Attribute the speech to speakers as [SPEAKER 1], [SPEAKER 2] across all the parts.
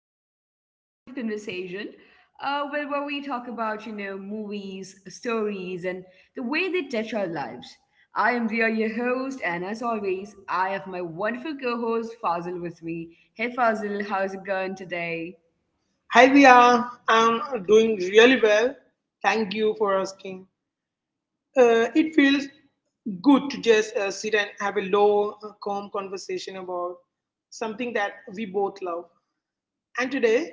[SPEAKER 1] of a little corner of conversation. Where we talk about movies, stories, and the way they touch our lives. I am Via, your host, and as always, I have my wonderful co-host Fazil with me. Hey, Fazil, how's it going today?
[SPEAKER 2] Hi, Dia. I'm doing really well. Thank you for asking. It feels good to just sit and have a low, calm conversation about something that we both love. And today,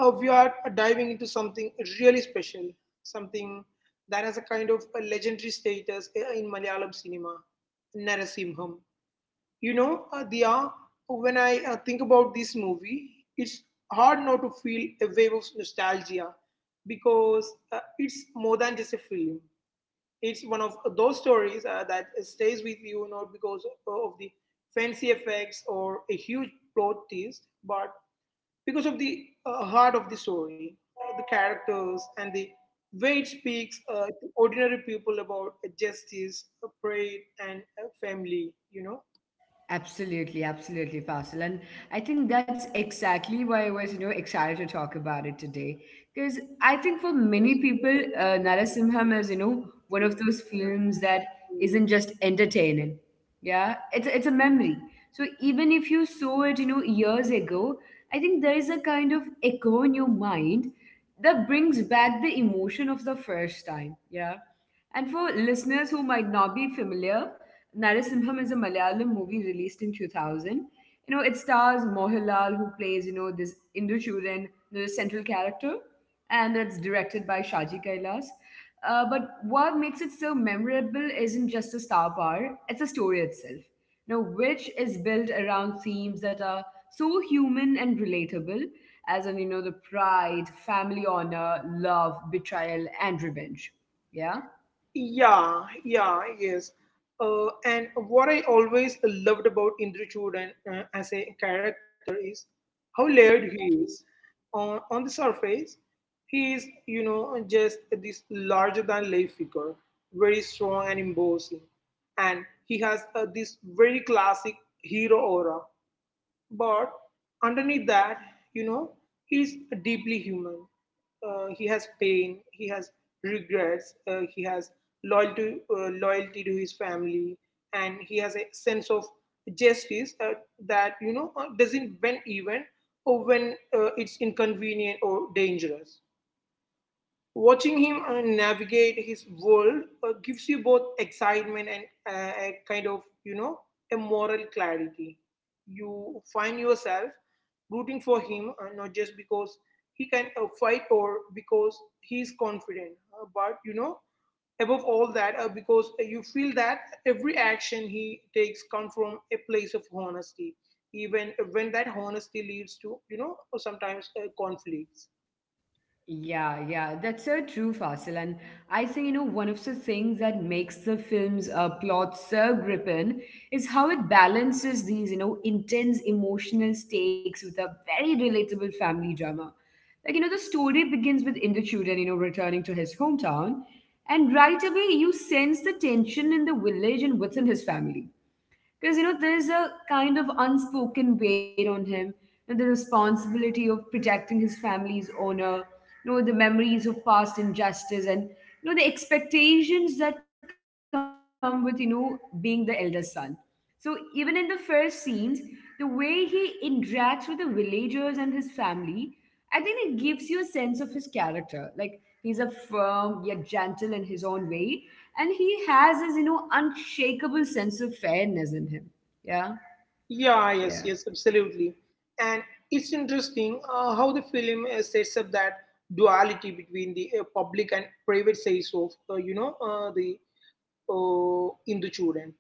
[SPEAKER 2] we are diving into something really special, something that has a kind of a legendary status in Malayalam cinema, Narasimham. Diya, when I think about this movie, it's hard not to feel a wave of nostalgia because it's more than just a film. It's one of those stories that stays with you not because of the fancy effects or a huge plot twist, but because of the heart of the story, the characters, and the way it speaks to ordinary people about justice, pride, and family. You know,
[SPEAKER 1] Absolutely, absolutely, Faisal. And I think that's exactly why I was, excited to talk about it today. Because I think for many people, Narasimham is, one of those films that isn't just entertaining. Yeah, it's a memory. So even if you saw it, years ago, I think there is a kind of echo in your mind that brings back the emotion of the first time. Yeah, and for listeners who might not be familiar, Narasimham is a Malayalam movie released in 2000. You know, it stars Mohanlal, who plays, this Indochuran, the central character, and it's directed by Shaji Kailas. But what makes it so memorable isn't just the star power, it's the story itself, which is built around themes that are so human and relatable, as in, the pride, family honor, love, betrayal, and revenge. Yeah.
[SPEAKER 2] Yeah, yeah, yes. And what I always loved about Indra Chudan as a character is how layered he is. On the surface, he is, you know, just this larger than life figure, very strong and imposing. And he has this very classic hero aura. But underneath that, you know, he's deeply human. He has pain, he has regrets, he has loyalty, loyalty to his family, and he has a sense of justice that, you know, doesn't bend even or when it's inconvenient or dangerous. Watching him navigate his world gives you both excitement and a kind of, you know, a moral clarity. You find yourself rooting for him, not just because he can fight or because he is confident, but, you know, above all that, because you feel that every action he takes comes from a place of honesty, even when that honesty leads to, sometimes conflicts.
[SPEAKER 1] Yeah, yeah, that's so true, Fasil. And I think, one of the things that makes the film's plot so gripping is how it balances these, intense emotional stakes with a very relatable family drama. Like, the story begins with Indrachudan, returning to his hometown. And right away, you sense the tension in the village and within his family because, there is a kind of unspoken weight on him and the responsibility of protecting his family's honor, the memories of past injustice, and, the expectations that come with, being the eldest son. So even in the first scenes, the way he interacts with the villagers and his family, I think it gives you a sense of his character. Like he's a firm yet gentle in his own way, and he has this, unshakable sense of fairness in him. Yeah,
[SPEAKER 2] Yeah, yes,
[SPEAKER 1] yeah,
[SPEAKER 2] yes, absolutely. And it's interesting how the film sets up that duality between the public and private sides of, the Hindu children.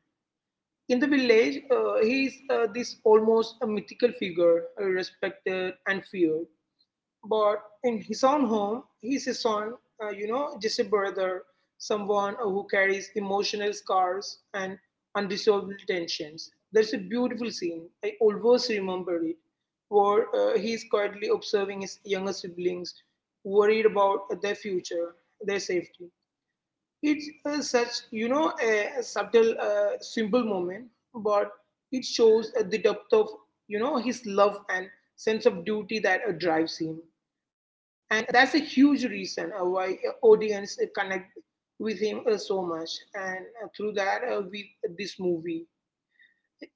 [SPEAKER 2] In the village, he is this almost a mythical figure, respected and feared. But in his own home, he's a son, just a brother, someone who carries emotional scars and unresolved tensions. There's a beautiful scene, I always remember it, where he's quietly observing his younger siblings, worried about their future, their safety. It's such, you know, a subtle, simple moment, but it shows the depth of, you know, his love and sense of duty that drives him. And that's a huge reason why audience connect with him so much. And through that, with this movie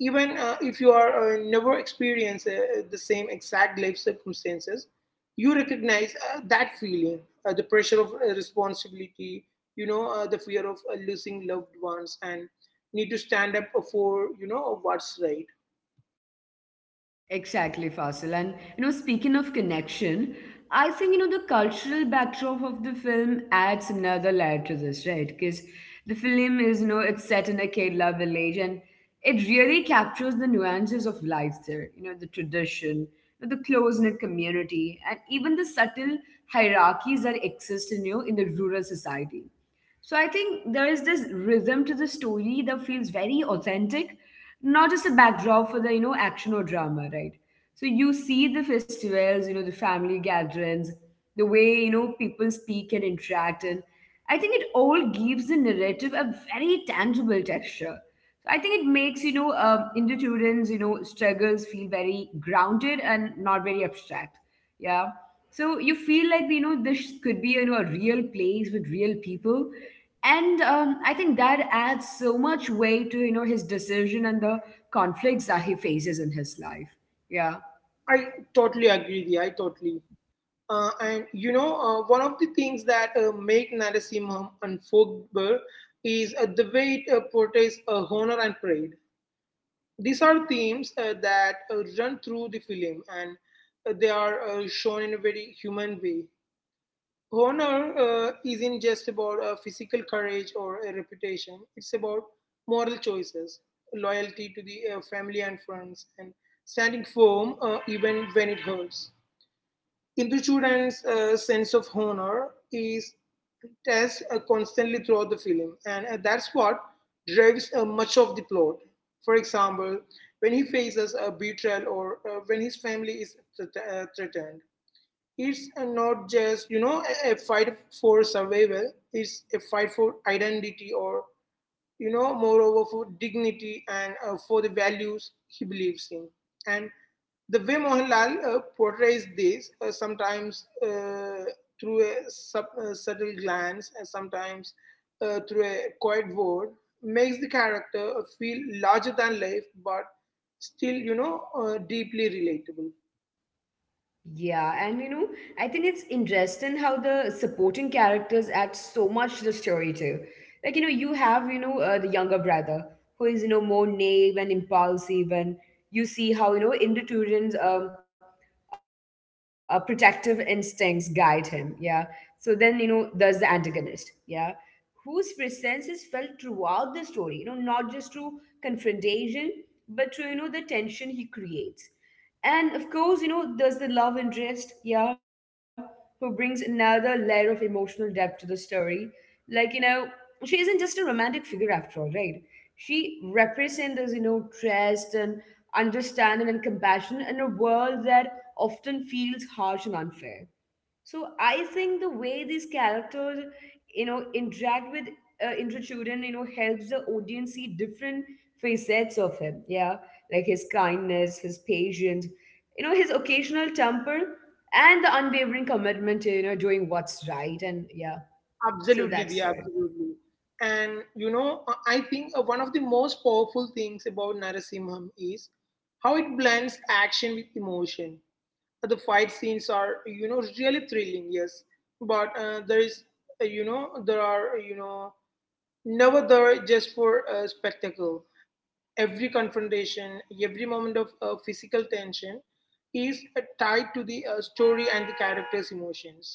[SPEAKER 2] even if you are never experience the same exact life circumstances you recognize that feeling the pressure of responsibility the fear of losing loved ones and need to stand up for what's right.
[SPEAKER 1] exactly, Fasil. And speaking of connection, I think the cultural backdrop of the film adds another layer to this, right? Because the film is, it's set in a Kerala village, and it really captures the nuances of life there. You know, the tradition, the close knit community, and even the subtle hierarchies that exist in, in the rural society. So I think there is this rhythm to the story that feels very authentic, not just a backdrop for the, action or drama, right? So you see the festivals, the family gatherings, the way, people speak and interact. And I think it all gives the narrative a very tangible texture. So I think it makes, Hindu students, struggles feel very grounded and not very abstract. Yeah. So you feel like, this could be, a real place with real people, and I think that adds so much weight to his decision and the conflicts that he faces in his life. Yeah.
[SPEAKER 2] I totally agree with you. I totally And one of the things that make Narasimham unforgettable is the way it portrays honor and pride. These are themes that run through the film, and they are shown in a very human way. Honor isn't just about physical courage or a reputation, it's about moral choices, loyalty to the family and friends, and standing firm even when it hurts. Indrachud's sense of honor is test constantly throughout the film, and that's what drives much of the plot. For example, when he faces a betrayal or when his family is threatened, it's not just, you know, a fight for survival, it's a fight for identity or, you know, moreover for dignity and for the values he believes in. And the way Mohanlal portrays this, sometimes through a subtle glance and sometimes through a quiet word, makes the character feel larger than life but still, you know, deeply relatable.
[SPEAKER 1] Yeah, and I think it's interesting how the supporting characters add so much to the story too. Like, you know, you have, you know, the younger brother who is, more naive and impulsive, and you see how, Indoturan's protective instincts guide him. Yeah. So then, there's the antagonist. Yeah. Whose presence is felt throughout the story, not just through confrontation, but through, the tension he creates. And of course, there's the love interest, yeah, who brings another layer of emotional depth to the story. Like, she isn't just a romantic figure after all, right? She represents this, trust and understanding and compassion in a world that often feels harsh and unfair. So I think the way these characters, interact with Indrachudan, helps the audience see different facets of him. Yeah, like his kindness, his patience, his occasional temper, and the unwavering commitment to doing what's right. And yeah,
[SPEAKER 2] Absolutely,
[SPEAKER 1] so
[SPEAKER 2] the
[SPEAKER 1] that's it.
[SPEAKER 2] absolutely. And you know, I think one of the most powerful things about Narasimham is how it blends action with emotion. The fight scenes are, you know, really thrilling, yes, but there are, you know, never there just for spectacle. Every confrontation, every moment of physical tension is tied to the story and the character's emotions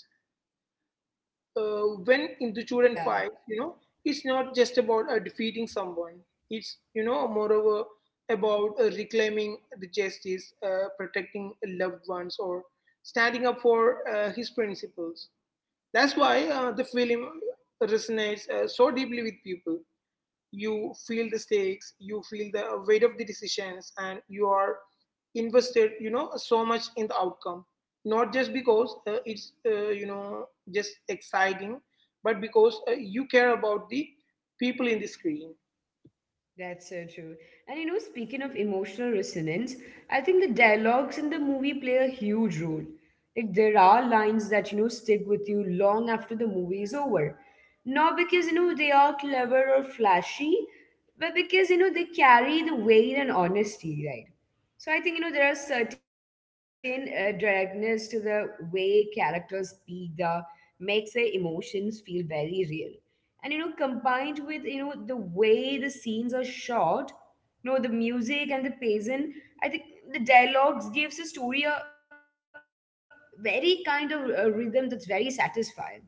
[SPEAKER 2] when in the children
[SPEAKER 1] Yeah.
[SPEAKER 2] fight, you know, it's not just about defeating someone. It's, you know, moreover, about reclaiming the justice, protecting loved ones, or standing up for his principles. That's why the film resonates so deeply with people. You feel the stakes, you feel the weight of the decisions, and you are invested, you know, so much in the outcome, not just because it's you know just exciting, but because you care about the people in the screen.
[SPEAKER 1] That's so true. And speaking of emotional resonance, I think the dialogues in the movie play a huge role. Like there are lines that stick with you long after the movie is over. Not because they are clever or flashy, but because they carry the weight and honesty, right? So I think there are certain directness to the way characters speak that makes their emotions feel very real, and combined with the way the scenes are shot, the music and the pacing, I think the dialogues gives the story a very kind of rhythm that's very satisfying.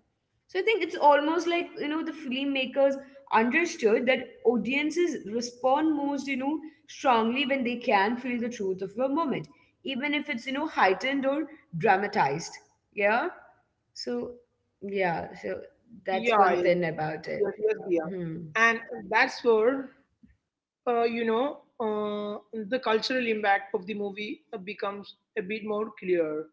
[SPEAKER 1] So I think it's almost like the filmmakers understood that audiences respond most strongly when they can feel the truth of a moment, even if it's heightened or dramatized. Yeah, so yeah, so that's
[SPEAKER 2] Yeah,
[SPEAKER 1] one
[SPEAKER 2] yes,
[SPEAKER 1] thing
[SPEAKER 2] yes, yes,
[SPEAKER 1] about it.
[SPEAKER 2] Diya. And
[SPEAKER 1] Hmm.
[SPEAKER 2] that's where uh, you know, uh, the cultural impact of the movie becomes a bit more clear.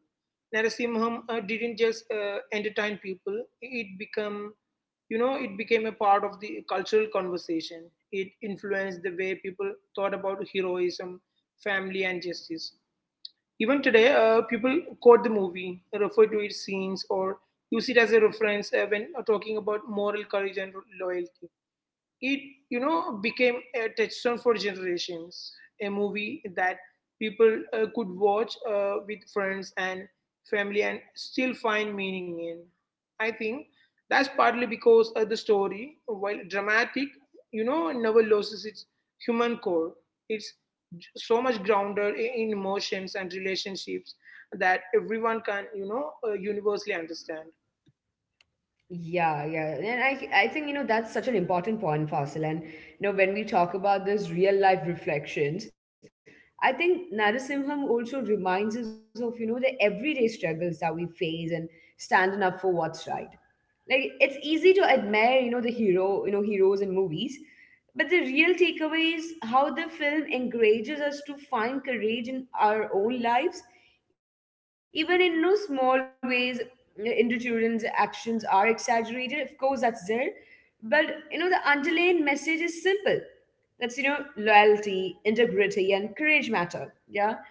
[SPEAKER 2] Narasimham didn't just entertain people; it became, you know, it became a part of the cultural conversation. It influenced the way people thought about heroism, family, and justice. Even today, people quote the movie, refer to its scenes, or use it as a reference when talking about moral courage and loyalty. It, you know, became a touchstone for generations, a movie that people could watch with friends and family and still find meaning in. I think that's partly because the story, while dramatic, you know, never loses its human core. It's so much grounded in emotions and relationships that everyone can, you know, universally understand.
[SPEAKER 1] Yeah, yeah. And I think, that's such an important point, Fasil. And, when we talk about this real life reflections, I think Narasimham also reminds us of, the everyday struggles that we face and standing up for what's right. Like it's easy to admire, the hero, heroes in movies, but the real takeaway is how the film encourages us to find courage in our own lives, even in no small ways. Individuals' actions are exaggerated. Of course, that's there. But the underlying message is simple. That's, loyalty, integrity, and courage matter. Yeah.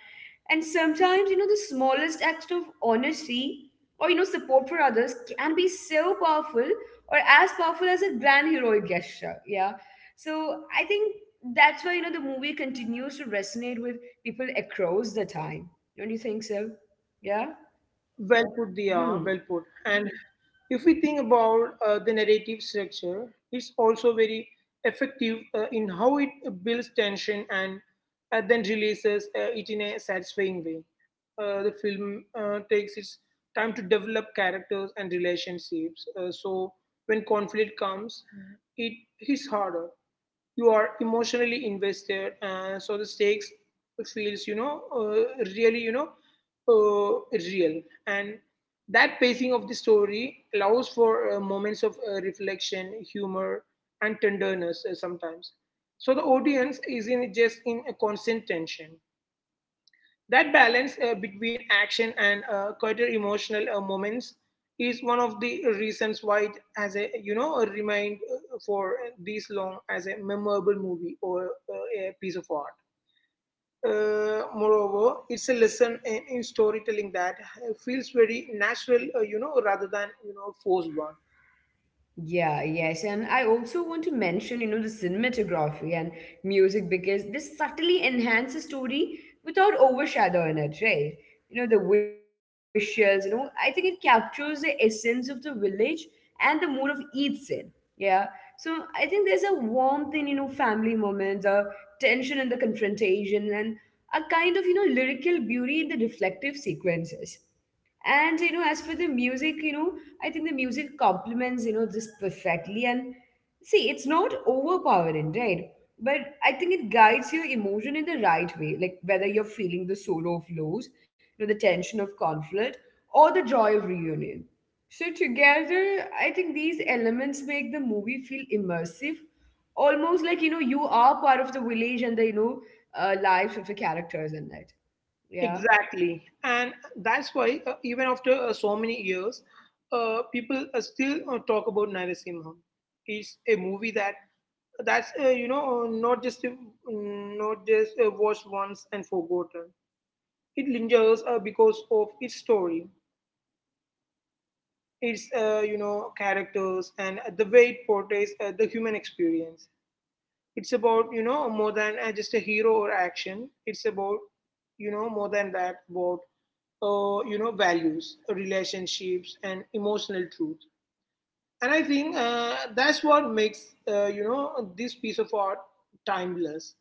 [SPEAKER 1] And sometimes, the smallest act of honesty or, support for others can be so powerful or as powerful as a grand heroic gesture. Yeah. So I think that's why, the movie continues to resonate with people across the time. Don't you think so? Yeah.
[SPEAKER 2] Well put, Diya, well put. And
[SPEAKER 1] Hmm.
[SPEAKER 2] if we think about the narrative structure, it's also very effective in how it builds tension and then releases it in a satisfying way. The film takes its time to develop characters and relationships. So when conflict comes, it hits harder. You are emotionally invested, and so the stakes feels, really, real. And that pacing of the story allows for moments of reflection, humor, and tenderness sometimes. So the audience isn't just in a constant tension. That balance between action and quieter emotional moments is one of the reasons why it has a, you know, a remained for this long as a memorable movie or a piece of art. Moreover, it's a lesson in storytelling that feels very natural, you know, rather than, you know, forced one.
[SPEAKER 1] Yeah, yes. And I also want to mention, the cinematography and music because this subtly enhance the story without overshadowing it, right? You know, the visuals, I think it captures the essence of the village and the mood of each scene. Yeah. So I think there's a warmth in, family moments, a tension in the confrontation, and a kind of, lyrical beauty in the reflective sequences. And as for the music, I think the music complements, this perfectly. And see, it's not overpowering, right? But I think it guides your emotion in the right way, like whether you're feeling the sorrow of loss, the tension of conflict, or the joy of reunion. So together, I think these elements make the movie feel immersive, almost like you are part of the village and the lives of the characters in it. Yeah.
[SPEAKER 2] Exactly, and that's why even after so many years, people still talk about Narasimha. It's a movie that that's you know not just not just watched once and forgotten. It lingers because of its story, its, you know, characters, and the way it portrays the human experience. It's about, you know, more than just a hero or action, it's about, you know, more than that, about you know, values, relationships, and emotional truth. And I think that's what makes, you know, this piece of art timeless.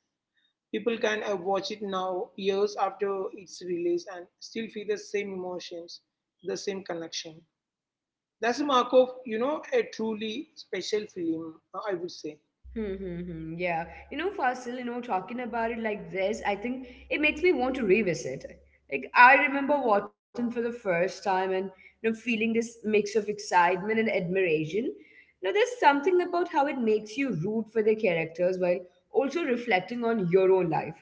[SPEAKER 2] People can watch it now, years after its release, and still feel the same emotions, the same connection. That's the mark of, you know, a truly special film, I would say.
[SPEAKER 1] Hmm, hmm, hmm. Yeah. You know, Fasil, talking about it like this, I think it makes me want to revisit it. Like, I remember watching for the first time and, feeling this mix of excitement and admiration. Now, there's something about how it makes you root for the characters while also reflecting on your own life,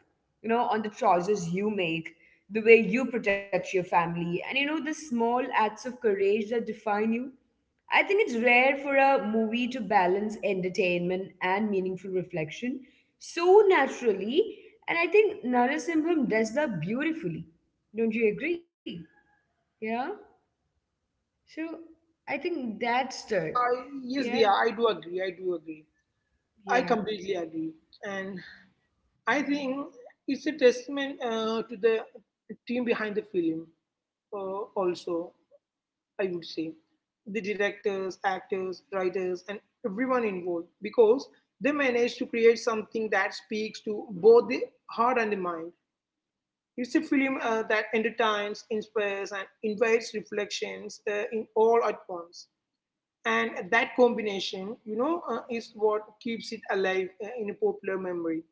[SPEAKER 1] on the choices you make, the way you protect your family, and, the small acts of courage that define you. I think it's rare for a movie to balance entertainment and meaningful reflection so naturally, and I think Narasimham does that beautifully. Don't you agree? Yeah. So I think that's the
[SPEAKER 2] Yes,
[SPEAKER 1] yeah,
[SPEAKER 2] Dia, I do agree. I do agree. I
[SPEAKER 1] yeah.
[SPEAKER 2] completely agree. And I think it's a testament to the team behind the film also. I would say. The directors, actors, writers, and everyone involved, because they managed to create something that speaks to both the heart and the mind. It's a film that entertains, inspires, and invites reflections in all at once. And that combination, is what keeps it alive in a popular memory,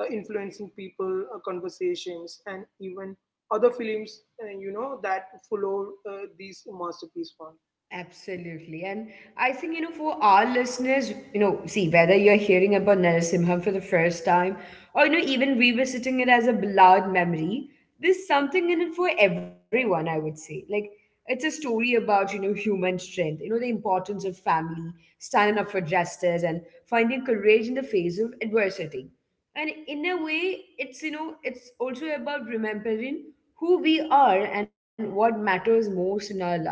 [SPEAKER 2] influencing people, conversations, and even other films, that follow these masterpiece one.
[SPEAKER 1] Absolutely. And I think, for our listeners, see, whether you're hearing about Narasimham for the first time or, even revisiting it as a beloved memory, there's something in it for everyone, I would say. Like, it's a story about, human strength, the importance of family, standing up for justice, and finding courage in the face of adversity. And in a way, it's, it's also about remembering who we are and what matters most in our lives,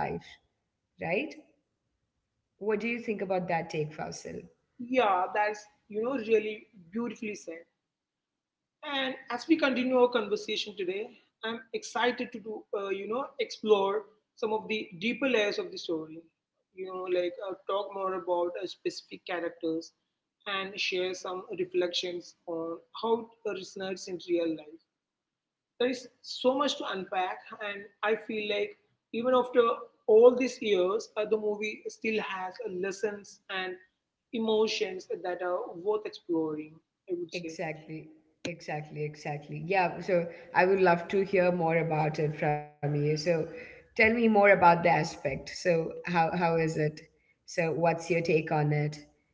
[SPEAKER 1] right? What do you think about that take, Faisal?
[SPEAKER 2] Yeah, that's, you know, really beautifully said. And as we continue our conversation today, I'm excited to do, you know, explore some of the deeper layers of the story. You know, like talk more about specific characters and share some reflections on how it resonates in real life. There is so much to unpack, and I feel like even after all these years, the movie still has lessons and emotions that are worth exploring, I would say.
[SPEAKER 1] Exactly, exactly, exactly. Yeah, so I would love to hear more about it from you. So tell me more about the aspect. So how is it? So what's your take on it?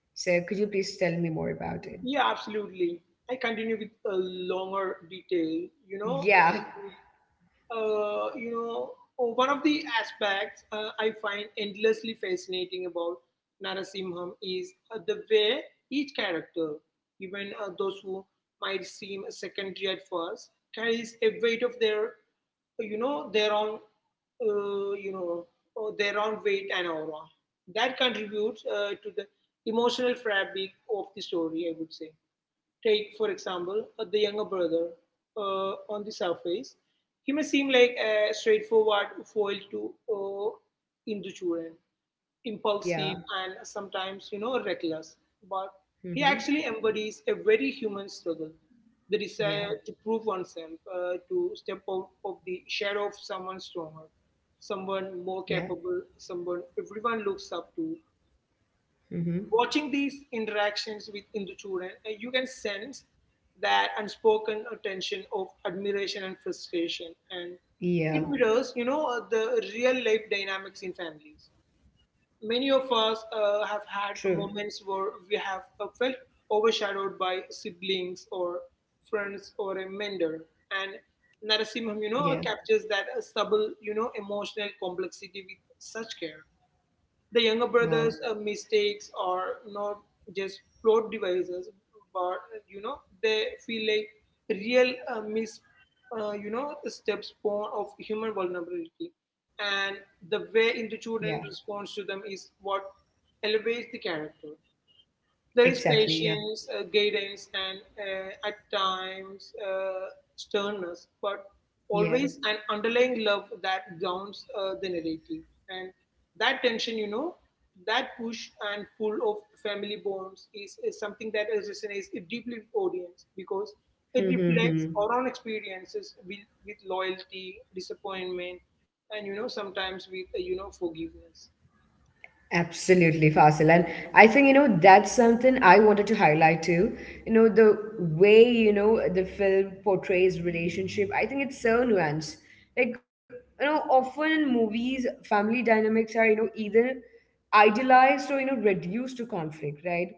[SPEAKER 1] So could you please tell me more about it?
[SPEAKER 2] Yeah, absolutely. I continue with a longer detail,
[SPEAKER 1] Yeah,
[SPEAKER 2] you know, oh, One of the aspects I find endlessly fascinating about Narasimham is the way each character, even those who might seem secondary at first, carries a weight of their, you know, their own, you know, their own weight and aura. That contributes to the emotional fabric of the story, I would say. Take, for example, the younger brother. On the surface, he may seem like a straightforward foil to Hindu children,
[SPEAKER 1] yeah,
[SPEAKER 2] impulsive and sometimes, you know, reckless. But he
[SPEAKER 1] mm-hmm.
[SPEAKER 2] actually embodies a very human struggle, the
[SPEAKER 1] Yeah,
[SPEAKER 2] desire to prove oneself, to step out of the shadow of someone stronger, someone
[SPEAKER 1] yeah,
[SPEAKER 2] more capable, someone everyone looks up to.
[SPEAKER 1] mm-hmm.
[SPEAKER 2] Watching these interactions with Hindu children, you can sense that unspoken tension of admiration and frustration. And
[SPEAKER 1] Yeah.
[SPEAKER 2] it mirrors, you know, the real life dynamics in families. Many of us
[SPEAKER 1] True.
[SPEAKER 2] have had moments where we have felt overshadowed by siblings or friends or a mentor. And Narasimham, you
[SPEAKER 1] Yeah.
[SPEAKER 2] know, captures that subtle, you know, emotional complexity with such care. The younger
[SPEAKER 1] Wow.
[SPEAKER 2] brother's mistakes are not just plot devices, but you know they feel like real you know, steps born of human vulnerability, and the way
[SPEAKER 1] Yeah.
[SPEAKER 2] in the children responds to them is what elevates the character. There is
[SPEAKER 1] Exactly. Yeah.
[SPEAKER 2] patience, guidance, and at times sternness, but
[SPEAKER 1] Yeah.
[SPEAKER 2] always an underlying love that grounds the narrative. And that tension, you know, that push and pull of family bonds is something that is resonates deeply with audience because it
[SPEAKER 1] Mm-hmm.
[SPEAKER 2] reflects
[SPEAKER 1] Mm-hmm.
[SPEAKER 2] our own experiences with loyalty, disappointment, and you know sometimes with you know forgiveness.
[SPEAKER 1] Absolutely, Fasil. And I think, that's something I wanted to highlight too. The way, the film portrays relationship, I think it's so nuanced. Like, often in movies, family dynamics are, either idealized or reduced to conflict, right?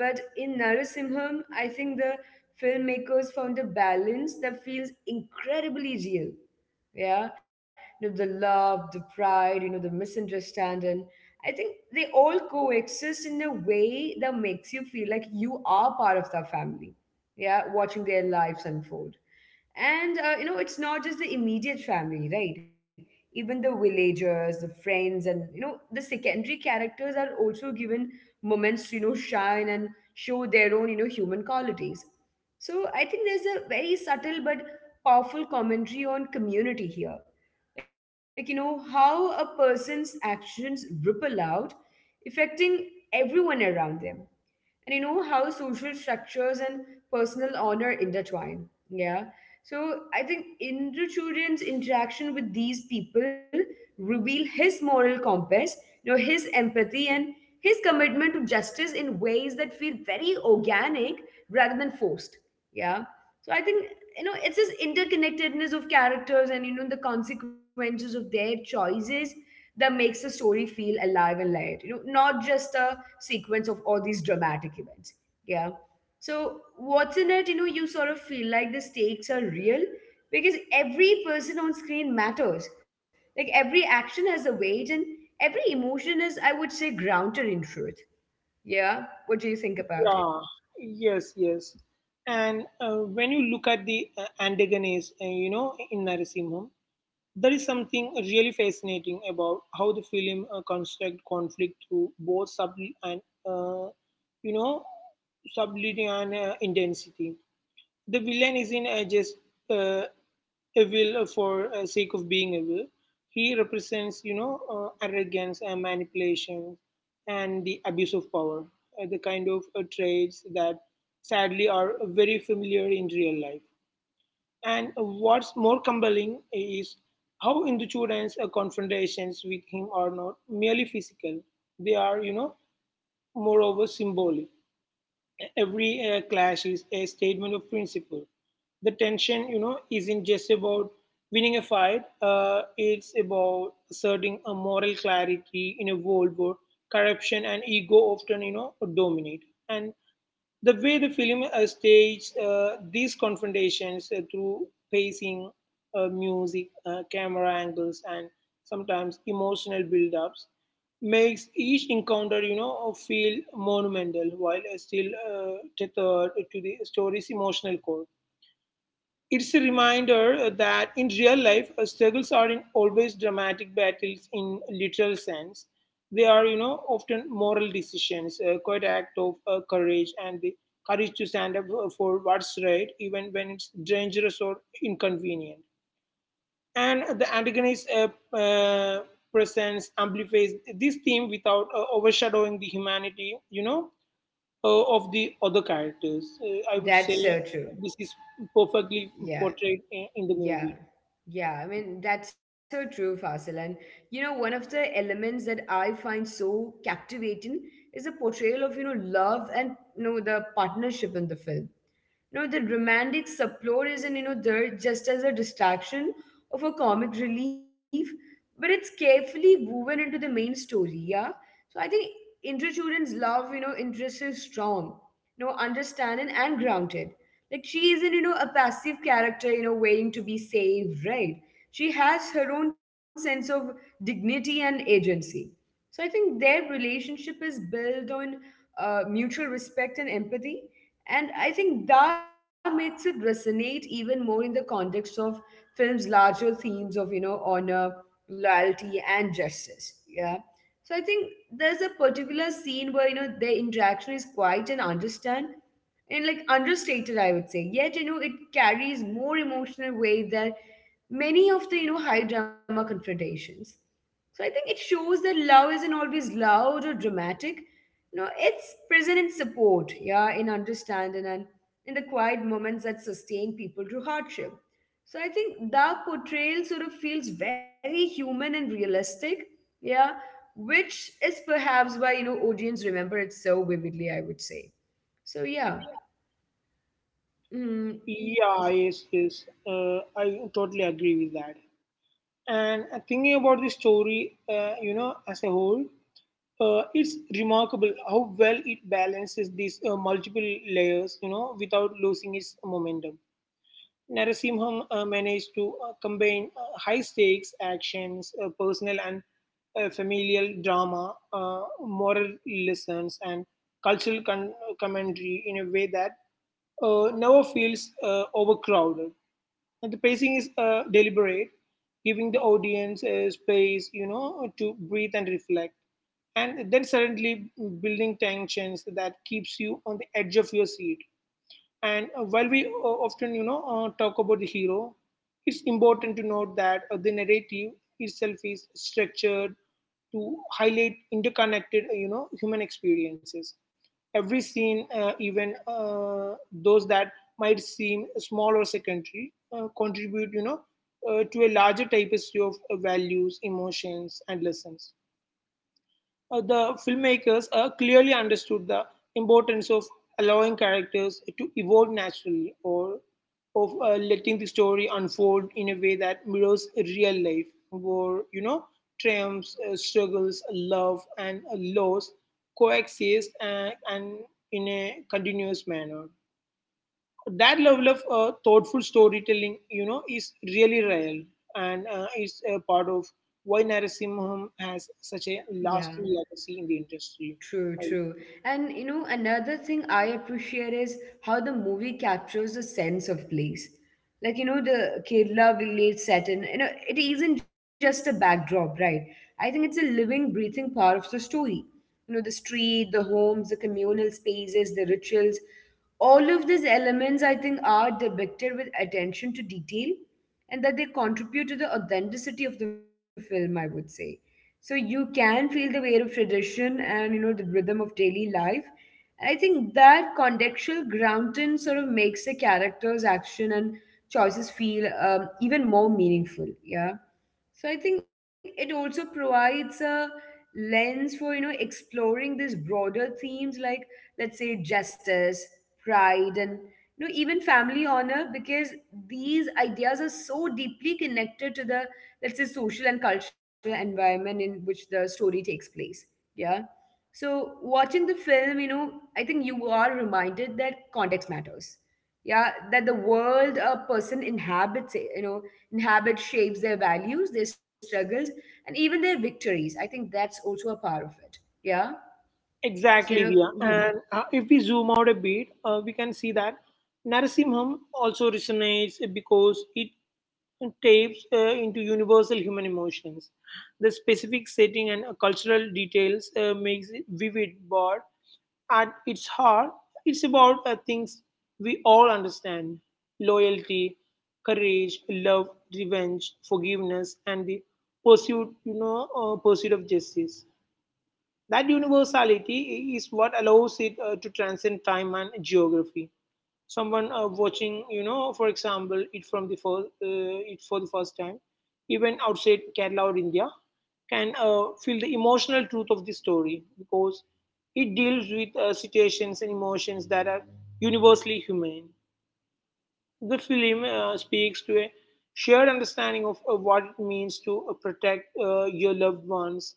[SPEAKER 1] But in Narasimham, I think the filmmakers found a balance that feels incredibly real. Yeah. The love, the pride, the misunderstanding, I think they all coexist in a way that makes you feel like you are part of the family. Yeah, watching their lives unfold. And it's not just the immediate family, right? Even the villagers, the friends, and the secondary characters are also given moments to shine and show their own human qualities. So I think there's a very subtle but powerful commentary on community here, like how a person's actions ripple out, affecting everyone around them, and how social structures and personal honor intertwine. Yeah. So I think Indrachudan's interaction with these people reveal his moral compass, his empathy, and his commitment to justice in ways that feel very organic rather than forced. Yeah. So I think it's this interconnectedness of characters and the consequences of their choices that makes the story feel alive and light, not just a sequence of all these dramatic events. Yeah. So what's in it, you sort of feel like the stakes are real because every person on screen matters. Like every action has a weight and every emotion is, I would say, grounded in truth. Yeah. What do you think about it?
[SPEAKER 2] Yeah, yes, yes. And when you look at the Antagones, you know, in Narasimham, there is something really fascinating about how the film construct conflict through both and uh, you know subtlety and intensity. The villain isn't just uh, evil for sake of being evil. He represents you know arrogance and manipulation and the abuse of power, the kind of traits that sadly are very familiar in real life. And what's more compelling is how Hindu students' confrontations with him are not merely physical; they are, you know, moreover symbolic. Every clash is a statement of principle. The tension, you know, isn't just about winning a fight. It's about asserting a moral clarity in a world where corruption and ego often, you know, dominate. And the way the film staged these confrontations through pacing, music, camera angles, and sometimes emotional build-ups makes each encounter, you know, feel monumental while still tethered to the story's emotional core. It's a reminder that in real life, struggles aren't always dramatic battles in literal sense. They are, you know, often moral decisions, quite act of courage, and the courage to stand up for what's right, even when it's dangerous or inconvenient. And the antagonist uh, presence amplifies this theme without overshadowing the humanity you know of the other characters, I would
[SPEAKER 1] That's
[SPEAKER 2] say.
[SPEAKER 1] so true.
[SPEAKER 2] This is perfectly
[SPEAKER 1] Yeah.
[SPEAKER 2] portrayed in the
[SPEAKER 1] Yeah,
[SPEAKER 2] movie.
[SPEAKER 1] yeah. I mean, that's so true, Fasil. And one of the elements that I find so captivating is the portrayal of, love and, the partnership in the film. The romantic subplot isn't, there just as a distraction of a comic relief, but it's carefully woven into the main story, yeah? So I think inter love, interest is strong, understanding and grounded. Like she isn't, a passive character, waiting to be saved, right? She has her own sense of dignity and agency. So I think their relationship is built on mutual respect and empathy. And I think that makes it resonate even more in the context of film's larger themes of, honor, loyalty, and justice. Yeah. So I think there's a particular scene where their interaction is quiet and understand and like understated, I would say. Yet it carries more emotional weight than many of the high drama confrontations. So I think it shows that love isn't always loud or dramatic. It's present in support, yeah, in understanding and in the quiet moments that sustain people through hardship. So I think the portrayal sort of feels very human and realistic, yeah, which is perhaps why audience remember it so vividly. I would say. So yeah, mm,
[SPEAKER 2] Yeah, yes, yes, I totally agree with that. And thinking about the story you know as a whole, it's remarkable how well it balances these multiple layers you know without losing its momentum. Narasimham managed to combine high stakes actions, personal and familial drama, moral lessons, and cultural commentary in a way that never feels overcrowded. And the pacing is deliberate, giving the audience space, you know, to breathe and reflect, and then suddenly building tensions that keeps you on the edge of your seat. And while we often, you know, talk about the hero, it's important to note that the narrative itself is structured to highlight interconnected, you know, human experiences. Every scene, even those that might seem small or secondary, contribute, you know, to a larger tapestry of values, emotions, and lessons. The filmmakers clearly understood the importance of allowing characters to evolve naturally or of letting the story unfold in a way that mirrors real life, where you know triumphs, struggles, love, and loss coexist and in a continuous manner. That level of thoughtful storytelling, you know, is really real, and it's a part of why Narasimham has such a
[SPEAKER 1] yeah.
[SPEAKER 2] lasting legacy in the industry.
[SPEAKER 1] True, true. And another thing I appreciate is how the movie captures the sense of place. Like, the Kerala village set in, it isn't just a backdrop, right? I think it's a living, breathing part of the story. The street, the homes, the communal spaces, the rituals, all of these elements, I think, are depicted with attention to detail, and that they contribute to the authenticity of the film, I would say. So you can feel the weight of tradition and the rhythm of daily life, and I think that contextual grounding sort of makes the character's action and choices feel even more meaningful. Yeah. So I think it also provides a lens for exploring these broader themes, like, let's say, justice, pride, and even family honor, because these ideas are so deeply connected to the, let's say, social and cultural environment in which the story takes place. Yeah. So watching the film, I think you are reminded that context matters. Yeah, that the world a person inhabits, inhabits, shapes their values, their struggles, and even their victories. I think that's also a part of it. Yeah. So,
[SPEAKER 2] Exactly, Diya.
[SPEAKER 1] mhm.
[SPEAKER 2] And if we zoom out a bit, we can see that Narasimham also resonates because it tapes into universal human emotions. The specific setting and cultural details makes it vivid, but at its heart, it's about things we all understand: loyalty, courage, love, revenge, forgiveness, and the pursuit of justice. That universality is what allows it to transcend time and geography. Someone watching, you know, for example, it for the first time, even outside Kerala or India, can feel the emotional truth of the story because it deals with situations and emotions that are universally human. The film speaks to a shared understanding of what it means to protect your loved ones,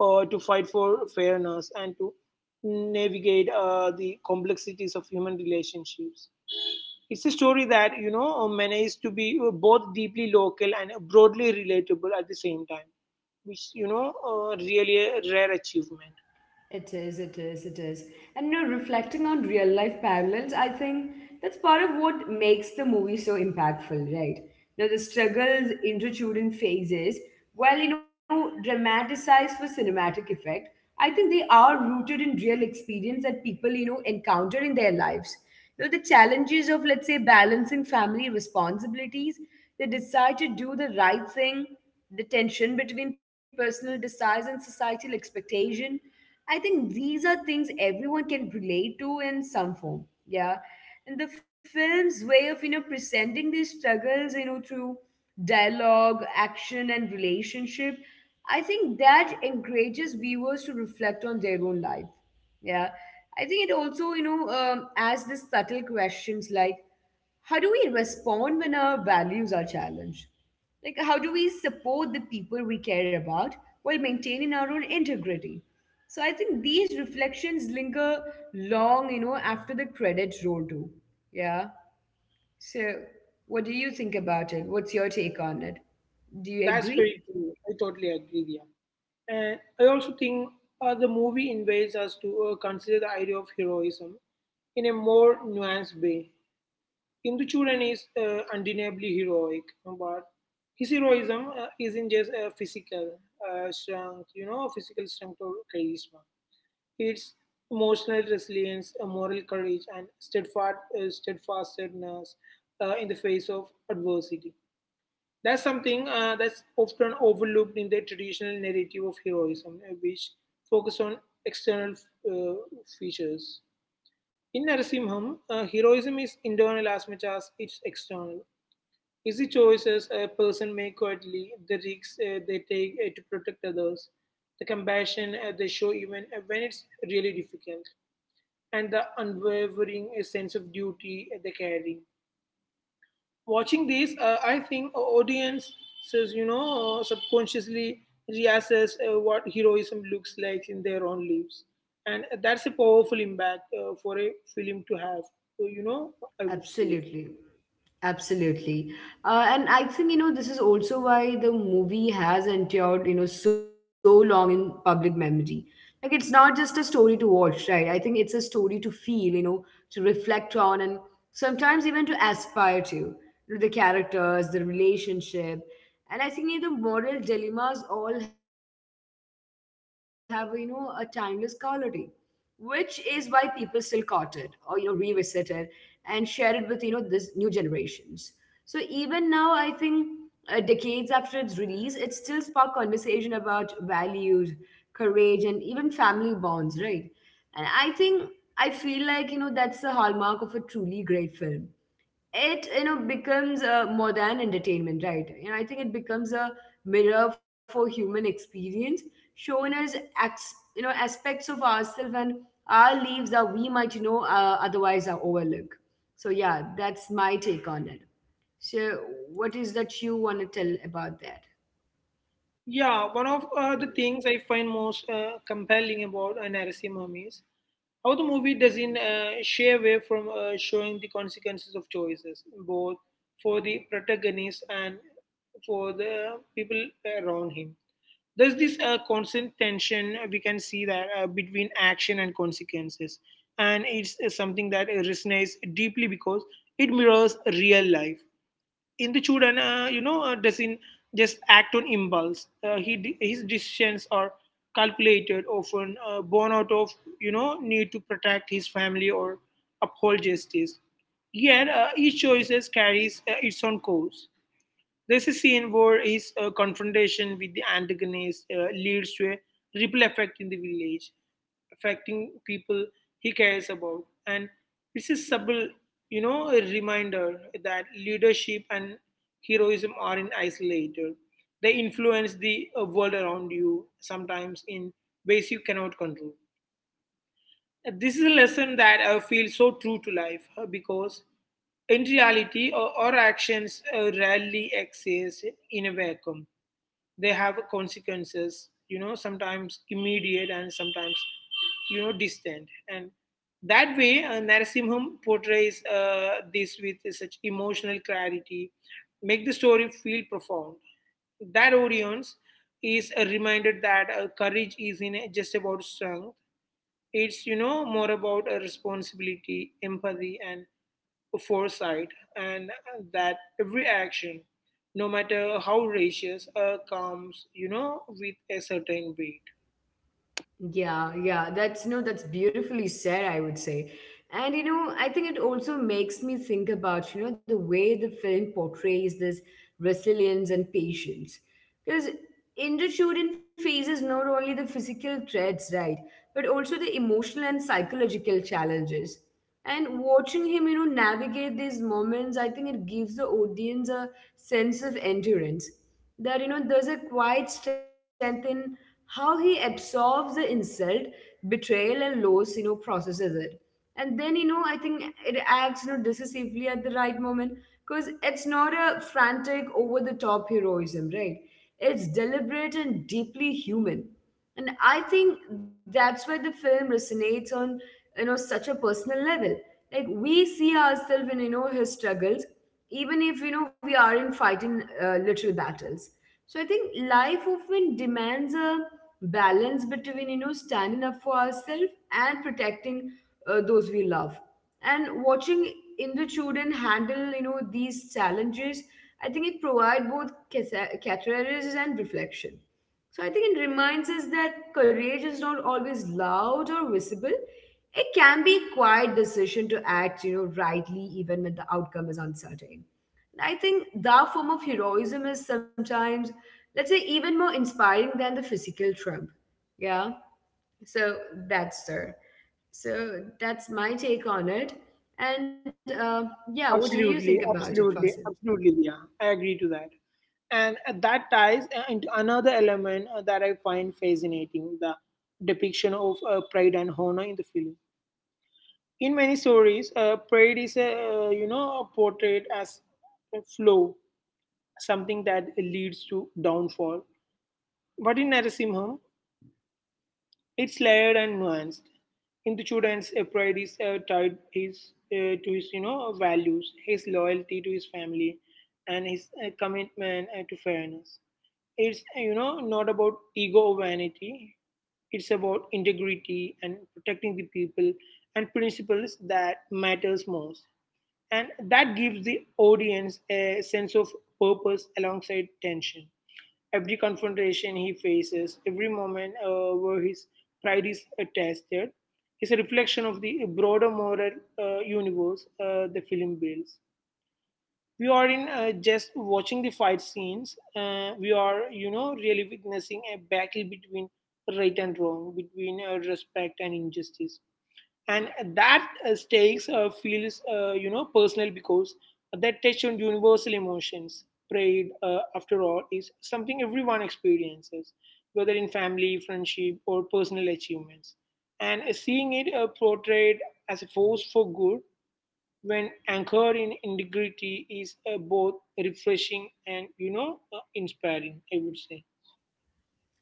[SPEAKER 2] to fight for fairness, and to navigate the complexities of human relationships. It's a story that you know manages to be both deeply local and broadly relatable at the same time, which you know really a rare achievement.
[SPEAKER 1] It is, it is, it is. And reflecting on real life parallels, I think that's part of what makes the movie so impactful, right? The struggles, intertwined in phases, while dramatized for cinematic effect, I think they are rooted in real experience that people, encounter in their lives. The challenges of, let's say, balancing family responsibilities, the desire to do the right thing, the tension between personal desires and societal expectation, I think these are things everyone can relate to in some form. Yeah. And the film's way of, presenting these struggles, through dialogue, action, and relationship, I think that encourages viewers to reflect on their own life. Yeah. I think it also, asks the subtle questions, like, how do we respond when our values are challenged? Like, how do we support the people we care about while maintaining our own integrity? So, I think these reflections linger long, after the credits roll too. Yeah. So, what do you think about it? What's your take on it? Do
[SPEAKER 2] That's
[SPEAKER 1] you
[SPEAKER 2] very
[SPEAKER 1] agree?
[SPEAKER 2] true. I totally agree, yeah. And I also think the movie invites us to consider the idea of heroism in a more nuanced way. Induchuran is undeniably heroic, but his heroism isn't just physical strength, you know, physical strength or charisma. It's emotional resilience, moral courage, and steadfastness in the face of adversity. That's something that's often overlooked in the traditional narrative of heroism, which focus on external uh, features. In Narasimham, heroism is internal as much as it's external. It's the choices a person makes quietly, the risks they take to protect others, the compassion they show even when it's really difficult, and the unwavering sense of duty they carry. Watching this, I think audience says, you know, subconsciously reassess what heroism looks like in their own lives. And that's a powerful impact for a film to have, so, you know, I would say.
[SPEAKER 1] Absolutely. Absolutely. And I think, this is also why the movie has endured, so long in public memory. Like, it's not just a story to watch, right? I think it's a story to feel, to reflect on and sometimes even to aspire to. The characters, the relationship. And I think, the moral dilemmas all have, a timeless quality, which is why people still caught it or revisit it and share it with this new generations. So even now, I think, decades after its release, it still spark conversation about values, courage, and even family bonds, right? And I think, I feel like, that's the hallmark of a truly great film. It becomes, more than entertainment, right? I think it becomes a mirror for human experience, showing us aspects of ourselves and our lives that we might, otherwise are overlook. So yeah, that's my take on it. So what is that you want to tell about that?
[SPEAKER 2] Yeah, one of the things I find most compelling about Narasimham is how the movie doesn't shy away from showing the consequences of choices, both for the protagonist and for the people around him. There's this constant tension we can see that between action and consequences, and it's something that resonates deeply because it mirrors real life. Indu and you know, doesn't just act on impulse. His decisions are calculated, often born out of you know need to protect his family or uphold justice. Yet each choice carries its own course. This a scene where his confrontation with the antagonist leads to a ripple effect in the village, affecting people he cares about. And this is subtle, you know, a reminder that leadership and heroism aren't isolated. They influence the world around you, sometimes in ways you cannot control. This is a lesson that feels so true to life because in reality, our actions rarely exist in a vacuum. They have consequences, you know, sometimes immediate and sometimes, you know, distant. And that way, Narasimham portrays this with such emotional clarity, make the story feel profound. That audience is reminded that courage isn't just about strength, it's you know more about a responsibility, empathy, and foresight, and that every action, no matter how righteous, comes you know with a certain weight.
[SPEAKER 1] Yeah, yeah, that's, no, that's beautifully said, I would say. And I think it also makes me think about, the way the film portrays this resilience and patience. Because Indrachudin faces not only the physical threats, right, but also the emotional and psychological challenges. And watching him, navigate these moments, I think it gives the audience a sense of endurance, that there's a quiet strength in how he absorbs the insult, betrayal, and loss, processes it, and then, I think, it acts, decisively, at the right moment, because it's not a frantic over the top heroism, right? It's deliberate and deeply human. And I think that's why the film resonates on, such a personal level. Like, we see ourselves in, his struggles, even if, we are in fighting literal battles. So I think life often demands a balance between, standing up for ourselves and protecting those we love. And watching Indo children handle, these challenges, I think it provides both catharsis and reflection. So I think it reminds us that courage is not always loud or visible. It can be quiet decision to act, rightly, even when the outcome is uncertain. And I think that form of heroism is sometimes, let's say, even more inspiring than the physical trump. Yeah. So that's there. So that's my take on it. And yeah, what do you
[SPEAKER 2] Absolutely,
[SPEAKER 1] think about it,
[SPEAKER 2] absolutely,
[SPEAKER 1] Fasil?
[SPEAKER 2] absolutely. Yeah, I agree to that. And that ties into another element that I find fascinating, the depiction of pride and honor in the film. In many stories, pride is you know, portrayed as a flaw, something that leads to downfall. But in Narasimha, it's layered and nuanced. In the student's pride is to his you know values, his loyalty to his family, and his commitment to fairness. It's you know not about ego or vanity. It's about integrity and protecting the people and principles that matters most, and that gives the audience a sense of purpose alongside tension. Every confrontation he faces, every moment where his pride is tested, is a reflection of the broader moral universe the film builds. We are in just watching the fight scenes. We are, really witnessing a battle between right and wrong, between respect and injustice, and that stakes feels personal because that touch on universal emotions. Pride, after all, is something everyone experiences, whether in family, friendship, or personal achievements. And seeing it portrayed as a force for good, when anchored in integrity, is both refreshing and inspiring, I would say.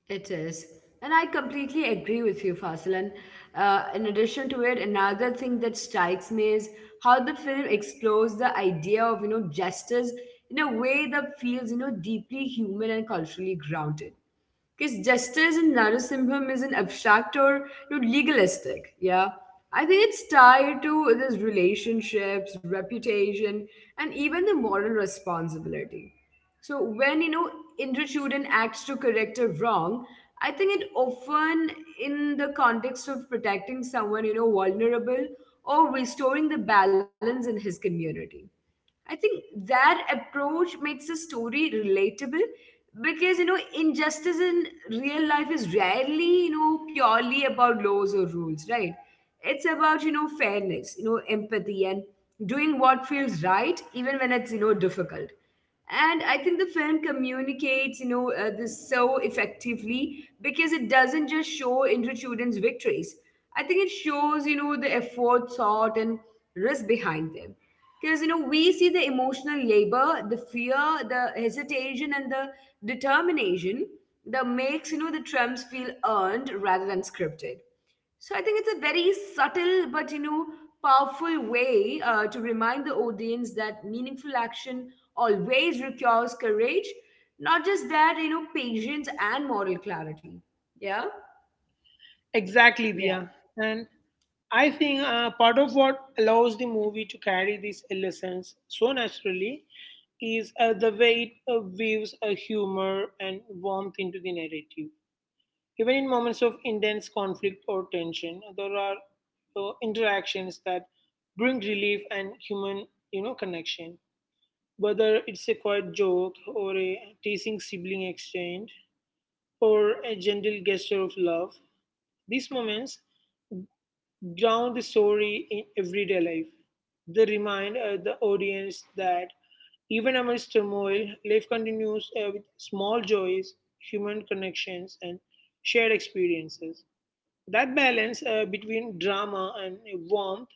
[SPEAKER 1] It is. And I completely agree with you, Fasil. And in addition to it, another thing that strikes me is how the film explores the idea of, justice in a way that feels, deeply human and culturally grounded. Because justice in Narasimham isn't abstract or legalistic. Yeah. I think it's tied to this relationships, reputation, and even the moral responsibility. So when Indrachudan acts to correct a wrong, I think it often in the context of protecting someone vulnerable or restoring the balance in his community. I think that approach makes a story relatable because injustice in real life is rarely purely about laws or rules, right? It's about fairness, empathy, and doing what feels right even when it's difficult. And I think the film communicates this so effectively because it doesn't just show children's victories. I think it shows the effort, thought, and risk behind them because we see the emotional labor, the fear, the hesitation, and the determination that makes the trumps feel earned rather than scripted. So I think it's a very subtle but powerful way to remind the audience that meaningful action always requires courage, not just that you know patience and moral clarity. Yeah,
[SPEAKER 2] Exactly,
[SPEAKER 1] yeah.
[SPEAKER 2] Dia. And I think part of what allows the movie to carry these lessons so naturally is the way it weaves a humor and warmth into the narrative. Even in moments of intense conflict or tension, there are interactions that bring relief and human, you know, connection. Whether it's a quiet joke or a teasing sibling exchange or a gentle gesture of love, these moments ground the story in everyday life. They remind the audience that even amidst turmoil, life continues with small joys, human connections, and shared experiences. That balance between drama and warmth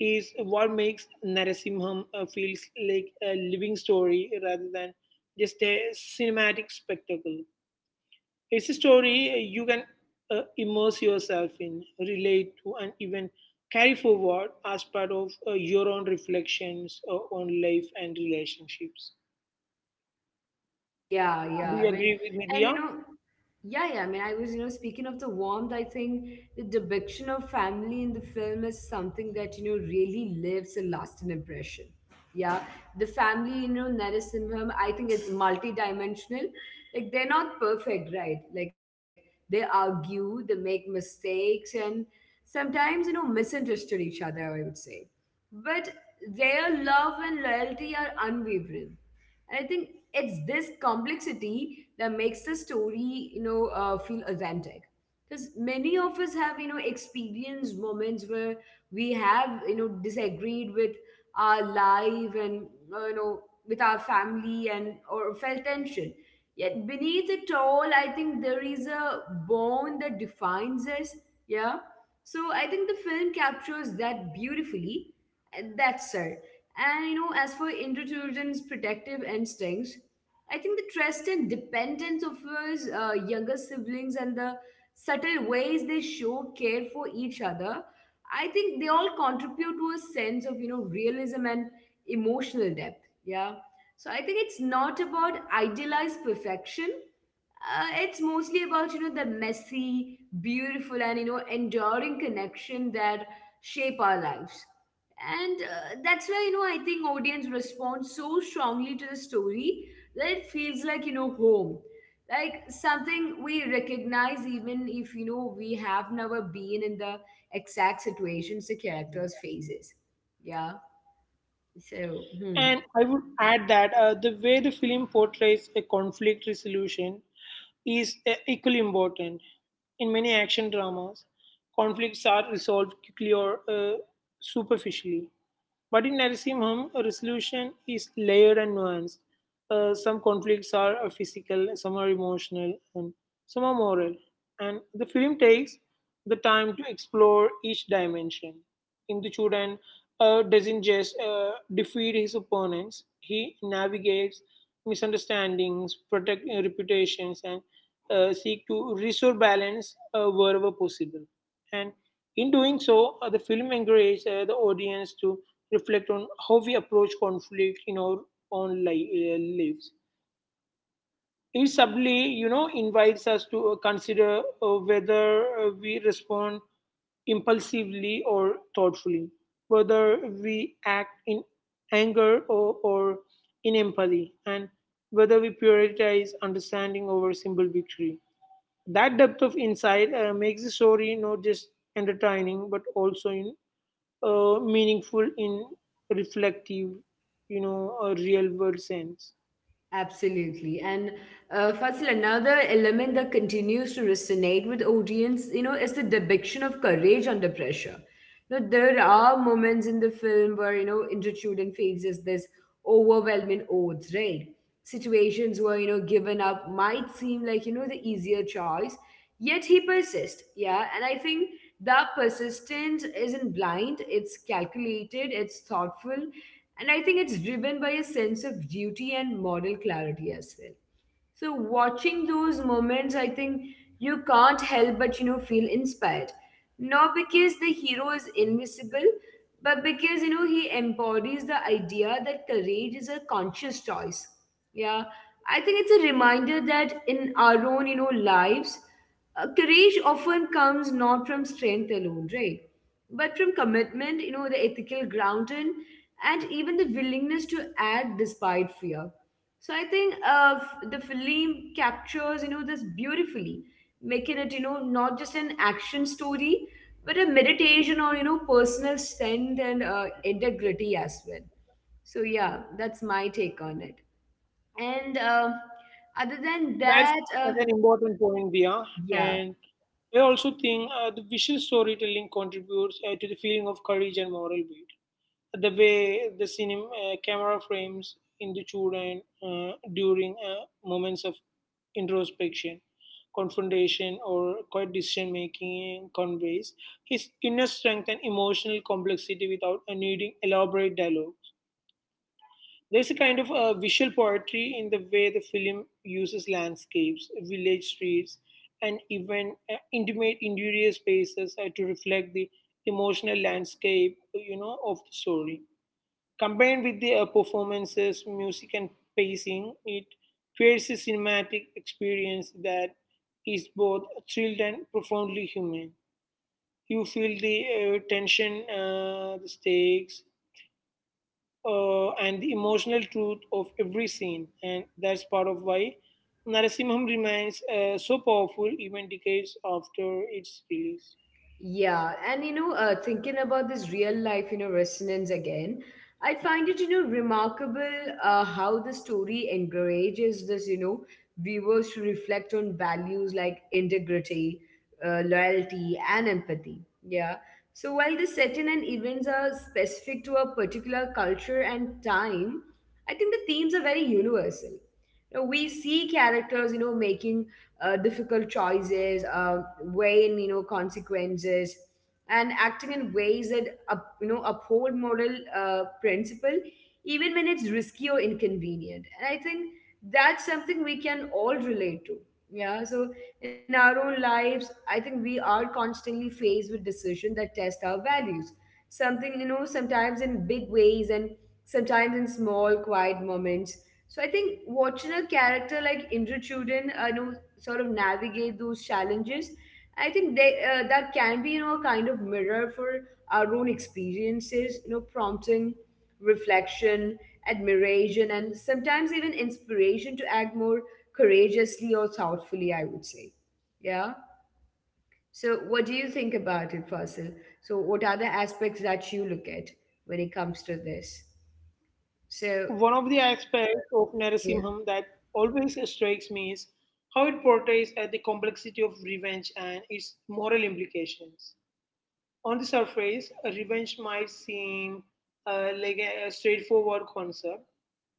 [SPEAKER 2] is what makes Narasimham feels like a living story rather than just a cinematic spectacle. It's a story you can immerse yourself in, relate to, and even carry forward as part of your own reflections on life and relationships.
[SPEAKER 1] Yeah.
[SPEAKER 2] Do you
[SPEAKER 1] I mean,
[SPEAKER 2] agree with me,
[SPEAKER 1] and
[SPEAKER 2] Dia?
[SPEAKER 1] you know, yeah. I mean, I was, speaking of the warmth, I think the depiction of family in the film is something that, really leaves a lasting impression. Yeah. The family, Narasimham, I think it's multi-dimensional. Like, they're not perfect, right? Like, they argue, they make mistakes, and sometimes, misunderstood each other, I would say. But their love and loyalty are unwavering, and I think it's this complexity that makes the story, feel authentic. Because many of us have, experienced moments where we have, disagreed with our life and, uh, you know, with our family, and or felt tension. Yet beneath it all, I think there is a bond that defines us. Yeah. So I think the film captures that beautifully. And that's it. And as for interchildren's protective instincts, I think the trust and dependence of his younger siblings and the subtle ways they show care for each other, I think they all contribute to a sense of realism and emotional depth. Yeah. So I think it's not about idealized perfection. It's mostly about the messy, beautiful, and enduring connection that shape our lives. And that's why I think audience responds so strongly to the story, that it feels like home, like something we recognize even if we have never been in the exact situations the characters faces. Yeah. So
[SPEAKER 2] And I would add that the way the film portrays a conflict resolution is equally important. In many action dramas, conflicts are resolved quickly or superficially. But in Narasimham, a resolution is layered and nuanced. Some conflicts are physical, some are emotional, and some are moral. And the film takes the time to explore each dimension. Indichud and doesn't just defeat his opponents, he navigates misunderstandings, protect reputations, and seek to restore balance wherever possible. And in doing so, the film encourages the audience to reflect on how we approach conflict in our own li- lives. It subtly, you know, invites us to consider whether we respond impulsively or thoughtfully, whether we act in anger or in empathy, and whether we prioritize understanding over simple victory. That depth of insight makes the story not just entertaining but also meaningful in reflective, you know, a real world sense.
[SPEAKER 1] Absolutely. And Fasil, another element that continues to resonate with audience, is the depiction of courage under pressure. There are moments in the film where, Intertudent faces this overwhelming odds, right? Situations where, giving up might seem like, the easier choice, yet he persists. Yeah. And I think that persistence isn't blind, it's calculated, it's thoughtful, and I think it's driven by a sense of duty and moral clarity as well. So watching those moments, I think you can't help but feel inspired. Not because the hero is invincible, but because he embodies the idea that courage is a conscious choice. Yeah. I think it's a reminder that in our own, lives, courage often comes not from strength alone, right? But from commitment, the ethical grounding, and even the willingness to act despite fear. So I think the film captures, this beautifully, making it, not just an action story, but a meditation on, personal strength and integrity as well. So yeah, that's my take on it. And other than
[SPEAKER 2] That's
[SPEAKER 1] that,
[SPEAKER 2] such an important point, Dia.
[SPEAKER 1] Yeah.
[SPEAKER 2] And I also think the visual storytelling contributes to the feeling of courage and moral weight. The way the cinema camera frames in the children during moments of introspection, confrontation, or quiet decision making conveys his inner strength and emotional complexity without needing elaborate dialogue. There's a kind of visual poetry in the way the film uses landscapes, village streets, and even intimate interior spaces to reflect the emotional landscape, you know, of the story. Combined with the performances, music, and pacing, it creates a cinematic experience that is both thrilled and profoundly human. You feel the tension, the stakes, and the emotional truth of every scene, and that's part of why Narasimham remains so powerful even decades after its release.
[SPEAKER 1] Thinking about this real life, resonance again, I find it, remarkable how the story encourages this, viewers to reflect on values like integrity, loyalty, and empathy. Yeah. So while the setting and events are specific to a particular culture and time, I think the themes are very universal. Now, we see characters, making difficult choices, weighing consequences, and acting in ways that up, you know uphold moral principle, even when it's risky or inconvenient. And I think that's something we can all relate to. Yeah, so in our own lives, I think we are constantly faced with decisions that test our values, something sometimes in big ways and sometimes in small quiet moments. So I think watching a character like Indra Chudan, sort of navigate those challenges, I think they that can be a kind of mirror for our own experiences, prompting reflection, admiration, and sometimes even inspiration to act more courageously or thoughtfully, I would say. Yeah. So, what do you think about it, Fasil? So, what are the aspects that you look at when it comes to this?
[SPEAKER 2] One
[SPEAKER 1] So,
[SPEAKER 2] of the aspects of Narasimham
[SPEAKER 1] yeah,
[SPEAKER 2] that always strikes me is how it portrays the complexity of revenge and its moral implications. On the surface, revenge might seem like a straightforward concept.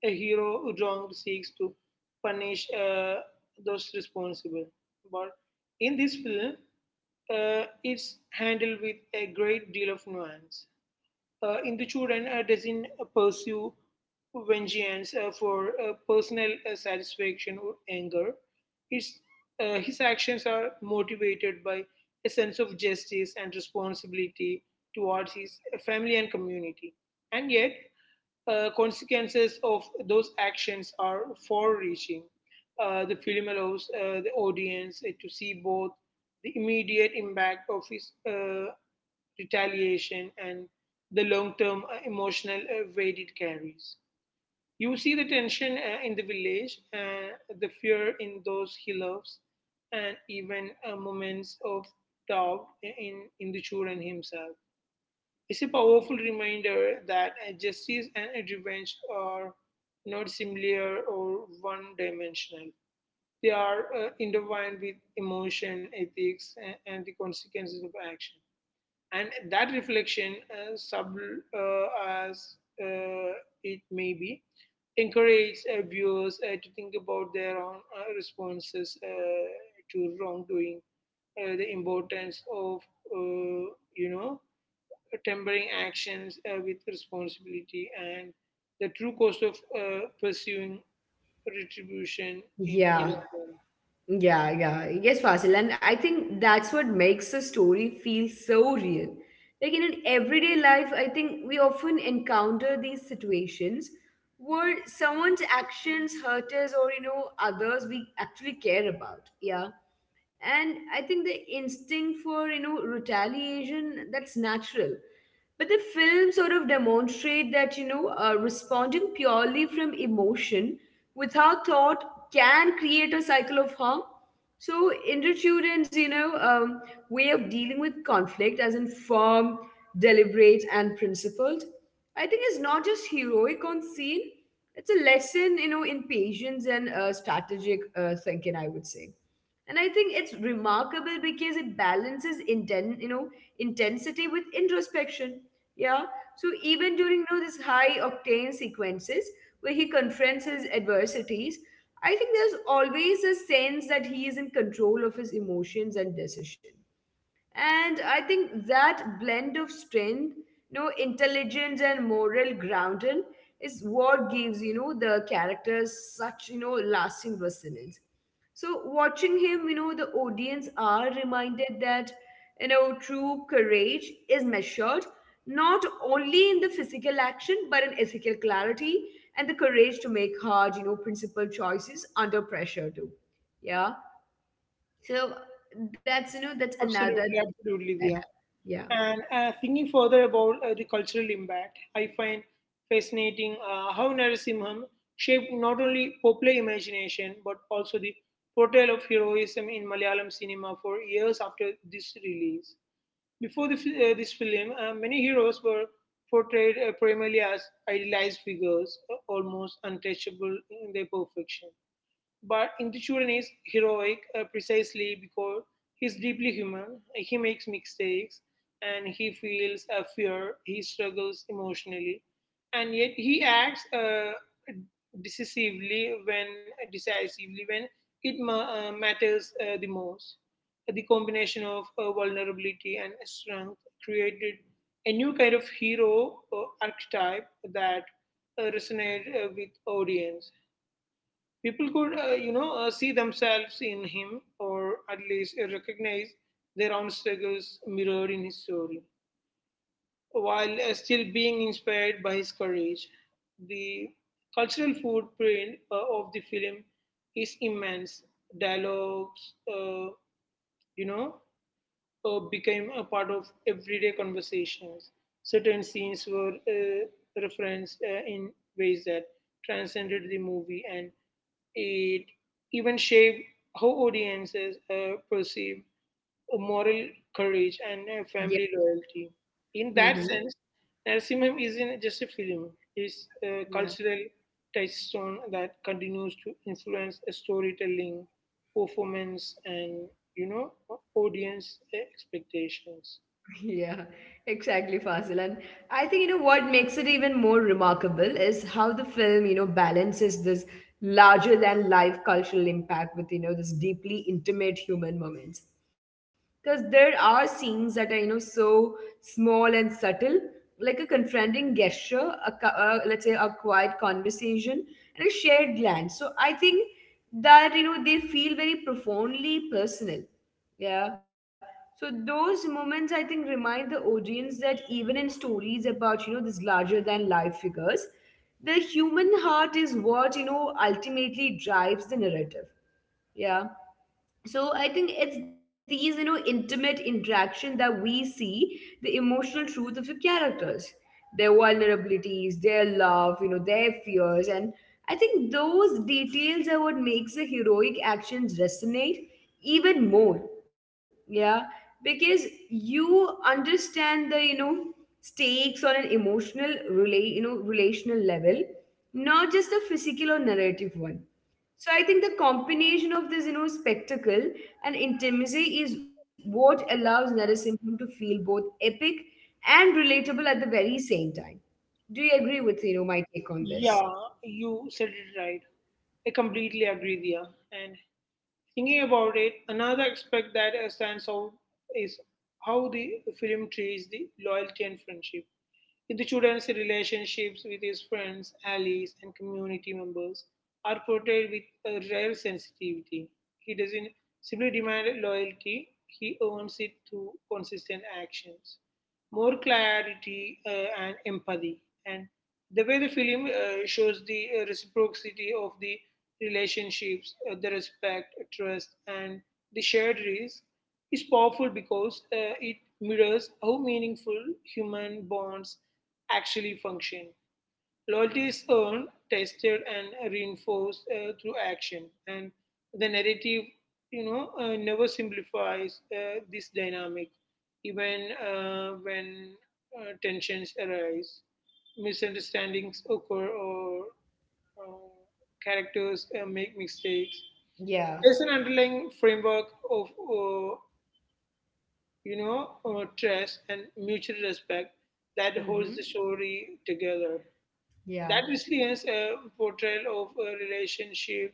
[SPEAKER 2] A hero who wronged seeks to punish those responsible. But in this film, it's handled with a great deal of nuance. In the children doesn't pursue vengeance for personal satisfaction or anger. It's, his actions are motivated by a sense of justice and responsibility towards his family and community. And yet, consequences of those actions are far reaching. The film allows the audience to see both the immediate impact of his retaliation, and the long term emotional weight it carries. You see the tension in the village, the fear in those he loves, and even moments of doubt in the children himself. It's a powerful reminder that justice and revenge are not similar or one dimensional. They are intertwined with emotion, ethics, and the consequences of action, and that reflection sub as uh, it may be encourage viewers to think about their own responses to wrongdoing, the importance of uh, you know, tempering actions with responsibility, and the true cost of pursuing retribution in
[SPEAKER 1] yeah,
[SPEAKER 2] any form.
[SPEAKER 1] yeah. Yes, Fasil, and I think that's what makes a story feel so real. Like, in an everyday life, I think we often encounter these situations where someone's actions hurt us or others we actually care about. Yeah. And I think the instinct for retaliation, that's natural, but the film sort of demonstrate that responding purely from emotion without thought can create a cycle of harm. So Intratuden's way of dealing with conflict as informed, deliberate, and principled, I think is not just heroic on scene, it's a lesson in patience and strategic thinking, I would say. And I think it's remarkable because it balances intensity with introspection. Yeah. So even during this high octane sequences where he confronts his adversities, I think there's always a sense that he is in control of his emotions and decision. And I think that blend of strength, intelligence, and moral grounding is what gives, the characters such, lasting resonance. So watching him, the audience are reminded that, true courage is measured not only in the physical action, but in ethical clarity and the courage to make hard, principled choices under pressure too. Yeah. So that's, that's another.
[SPEAKER 2] Absolutely, absolutely, yeah.
[SPEAKER 1] Yeah.
[SPEAKER 2] And thinking further about the cultural impact, I find fascinating how Narasimham shaped not only popular imagination but also the portrayal of heroism in Malayalam cinema for years after this release. Before the, this film, many heroes were portrayed primarily as idealized figures, almost untouchable in their perfection. But Intichuran is heroic precisely because he's deeply human. He makes mistakes and he feels a fear. He struggles emotionally. And yet he acts decisively when decisively when it matters the most. The combination of vulnerability and strength created a new kind of hero archetype that resonate with audience. People could, you know, see themselves in him, or at least recognize their own struggles mirrored in his story, while still being inspired by his courage. The cultural footprint of the film is immense. Dialogues, you know, became a part of everyday conversations. Certain scenes were referenced in ways that transcended the movie, and it even shaped how audiences perceive moral courage and
[SPEAKER 1] Yeah.
[SPEAKER 2] family loyalty. In that
[SPEAKER 1] Hmm.
[SPEAKER 2] sense, Narasimham isn't just a film, it's a
[SPEAKER 1] Yeah.
[SPEAKER 2] cultural touchstone that continues to influence storytelling, performance, and, you know, audience expectations.
[SPEAKER 1] Yeah, exactly, Fasil. And I think, what makes it even more remarkable is how the film, balances this larger than life cultural impact with, this deeply intimate human moments. Because there are scenes that are, so small and subtle, like a confronting gesture, let's say a quiet conversation, and a shared glance. So I think that, they feel very profoundly personal. Yeah. So those moments, I think, remind the audience that even in stories about these larger than life figures, the human heart is what ultimately drives the narrative. Yeah. So I think it's these intimate interaction that we see the emotional truth of the characters, their vulnerabilities, their love, their fears. And I think those details are what makes the heroic actions resonate even more. Yeah. Because you understand the stakes on an emotional relate you know relational level, not just a physical or narrative one. So I think the combination of this, spectacle and intimacy is what allows Narasimham to feel both epic and relatable at the very same time. Do you agree with, my take on this?
[SPEAKER 2] Yeah, you said it right. I completely agree, Dia. And thinking about it, another aspect that stands out is how the film treats the loyalty and friendship. The student's relationships with his friends, allies, and community members are portrayed with a rare sensitivity. He doesn't simply demand loyalty, he earns it through consistent actions, more clarity, and empathy. And the way the film shows the reciprocity of the relationships, the respect, trust, and the shared risk is powerful because it mirrors how meaningful human bonds actually function. Loyalty is earned, tested, and reinforced through action, and the narrative, you know, never simplifies this dynamic, even when tensions arise, misunderstandings occur, or uh, characters make mistakes.
[SPEAKER 1] Yeah.
[SPEAKER 2] There's an underlying framework of uh, you know, trust and mutual respect that holds
[SPEAKER 1] Mm-hmm.
[SPEAKER 2] the story together.
[SPEAKER 1] Yeah.
[SPEAKER 2] That resilience portrayal of a relationship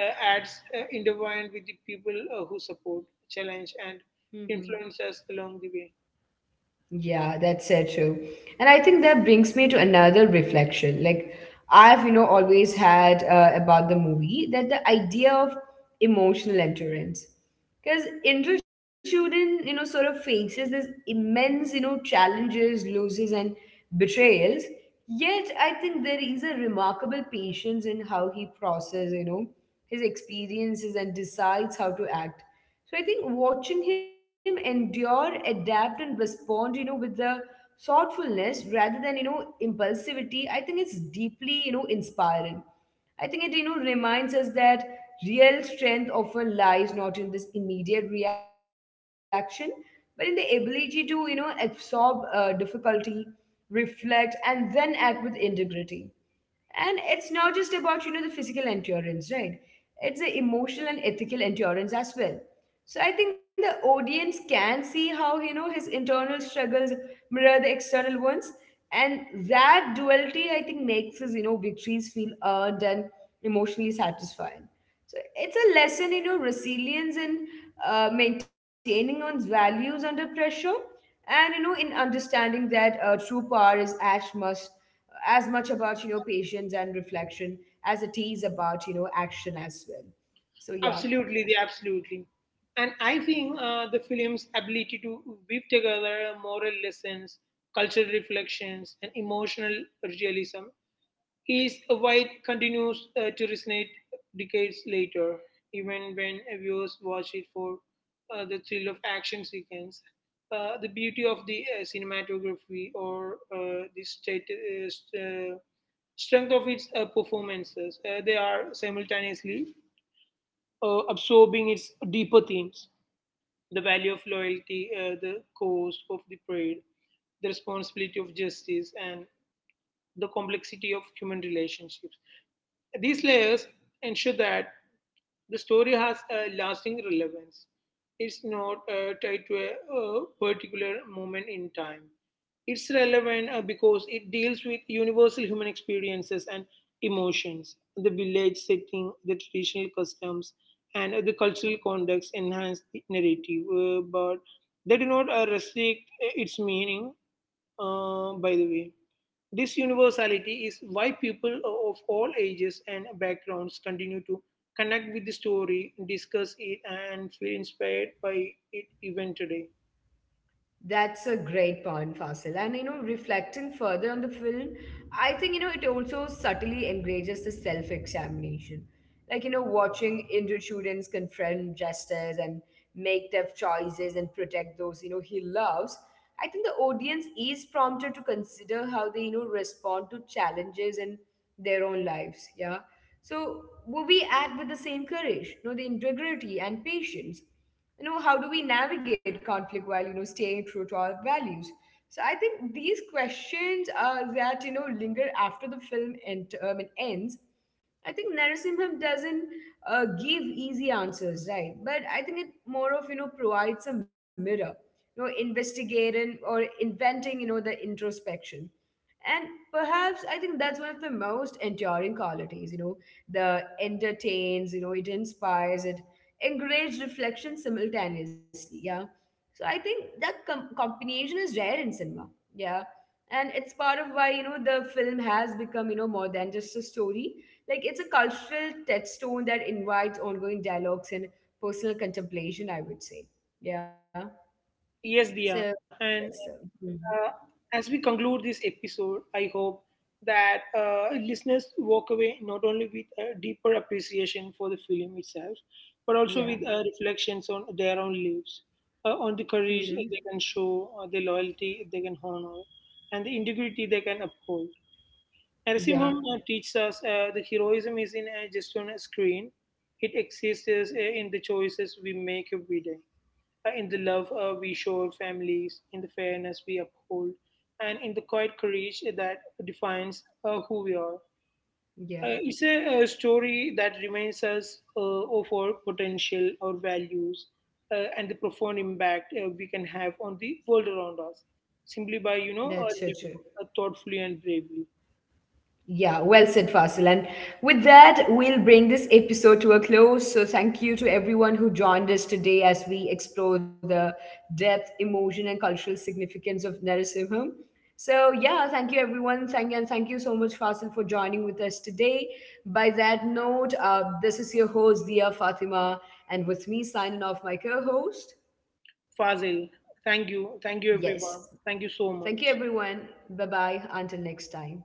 [SPEAKER 2] adds intertwined with the people who support, challenge, and
[SPEAKER 1] Mm-hmm.
[SPEAKER 2] influence us along the way.
[SPEAKER 1] Yeah, that's so true. And I think that brings me to another reflection. Like, I've, always had about the movie, that the idea of emotional endurance. Because Indrachudan, sort of faces this immense, challenges, losses, and betrayals. Yet, I think there is a remarkable patience in how he processes, his experiences and decides how to act. So I think watching him endure, adapt, and respond, with the thoughtfulness rather than, impulsivity, I think it's deeply, inspiring. I think it reminds us that real strength often lies not in this immediate reaction, but in the ability to absorb difficulty, reflect, and then act with integrity. And it's not just about the physical endurance, right? It's the emotional and ethical endurance as well. So I think the audience can see how his internal struggles mirror the external ones, and that duality, I think, makes his victories feel earned and emotionally satisfying. So it's a lesson resilience in maintaining one's values under pressure, and in understanding that true power is as much about patience and reflection as it is about action as well. So yeah.
[SPEAKER 2] Absolutely, they absolutely. And I think the film's ability to weave together moral lessons, cultural reflections, and emotional realism is why it continues to resonate decades later, even when viewers watch it for the thrill of action sequence, the beauty of the cinematography, or the strength of its performances. They are simultaneously absorbing its deeper themes, the value of loyalty, the cost of the parade, the responsibility of justice, and the complexity of human relationships. These layers ensure that the story has a lasting relevance. It's not tied to a, particular moment in time. It's relevant because it deals with universal human experiences and emotions. The village setting, the traditional customs, and the cultural context enhance the narrative, but they do not restrict its meaning, by the way. This universality is why people of all ages and backgrounds continue to connect with the story, discuss it, and feel inspired by it even today.
[SPEAKER 1] That's a great point, Fasil. And reflecting further on the film, I think it also subtly encourages the self-examination. Like, watching Indian students confront justice and make tough choices and protect those he loves. I think the audience is prompted to consider how they respond to challenges in their own lives. Yeah. So will we act with the same courage, the integrity and patience? How do we navigate conflict while staying true to our values? So I think these questions that linger after the film it ends. I think Narasimham doesn't give easy answers, right? But I think it more of provides a mirror, investigating or inventing the introspection. And perhaps I think that's one of the most enduring qualities, the entertains, it inspires, it encourages reflection simultaneously. Yeah. So I think that combination is rare in cinema. Yeah. And it's part of why, the film has become, more than just a story. Like, it's a cultural touchstone that invites ongoing dialogues and personal contemplation, I would say. Yeah.
[SPEAKER 2] Yes,
[SPEAKER 1] So,
[SPEAKER 2] Dia.
[SPEAKER 1] that's,
[SPEAKER 2] And
[SPEAKER 1] mhm.
[SPEAKER 2] uh, as we conclude this episode, I hope that listeners walk away not only with a deeper appreciation for the film itself, but also with
[SPEAKER 1] Yeah.
[SPEAKER 2] reflections on their own lives, on the
[SPEAKER 1] Hmm.
[SPEAKER 2] courage they can show, the loyalty they can honor, and the integrity they can uphold. Narasimhan
[SPEAKER 1] Yeah.
[SPEAKER 2] teaches us the heroism isn't just on a screen, it exists in the choices we make every day, in the love we show our families, in the fairness we uphold, and in the quiet courage that defines who we are. Uh,
[SPEAKER 1] Yeah,
[SPEAKER 2] it's a, story that reminds us of our potential, our values, and the profound impact we can have on the world around us, simply by, you know,
[SPEAKER 1] that's so true.
[SPEAKER 2] living thoughtfully and bravely.
[SPEAKER 1] Yeah, well said, Fasil. And with that, we'll bring this episode to a close. So, thank you to everyone who joined us today as we explore the depth, emotion, and cultural significance of Narasimham. So, yeah, thank you, everyone. Thank you, and thank you so much, Fasil, for joining with us today. By that note, this is your host, Dia Fatima, and with me signing off, my co host.
[SPEAKER 2] Fazil. Thank you. Thank you,
[SPEAKER 1] Yes,
[SPEAKER 2] everyone. Thank you so
[SPEAKER 1] thank you,
[SPEAKER 2] much.
[SPEAKER 1] everyone. Bye bye. Until next time.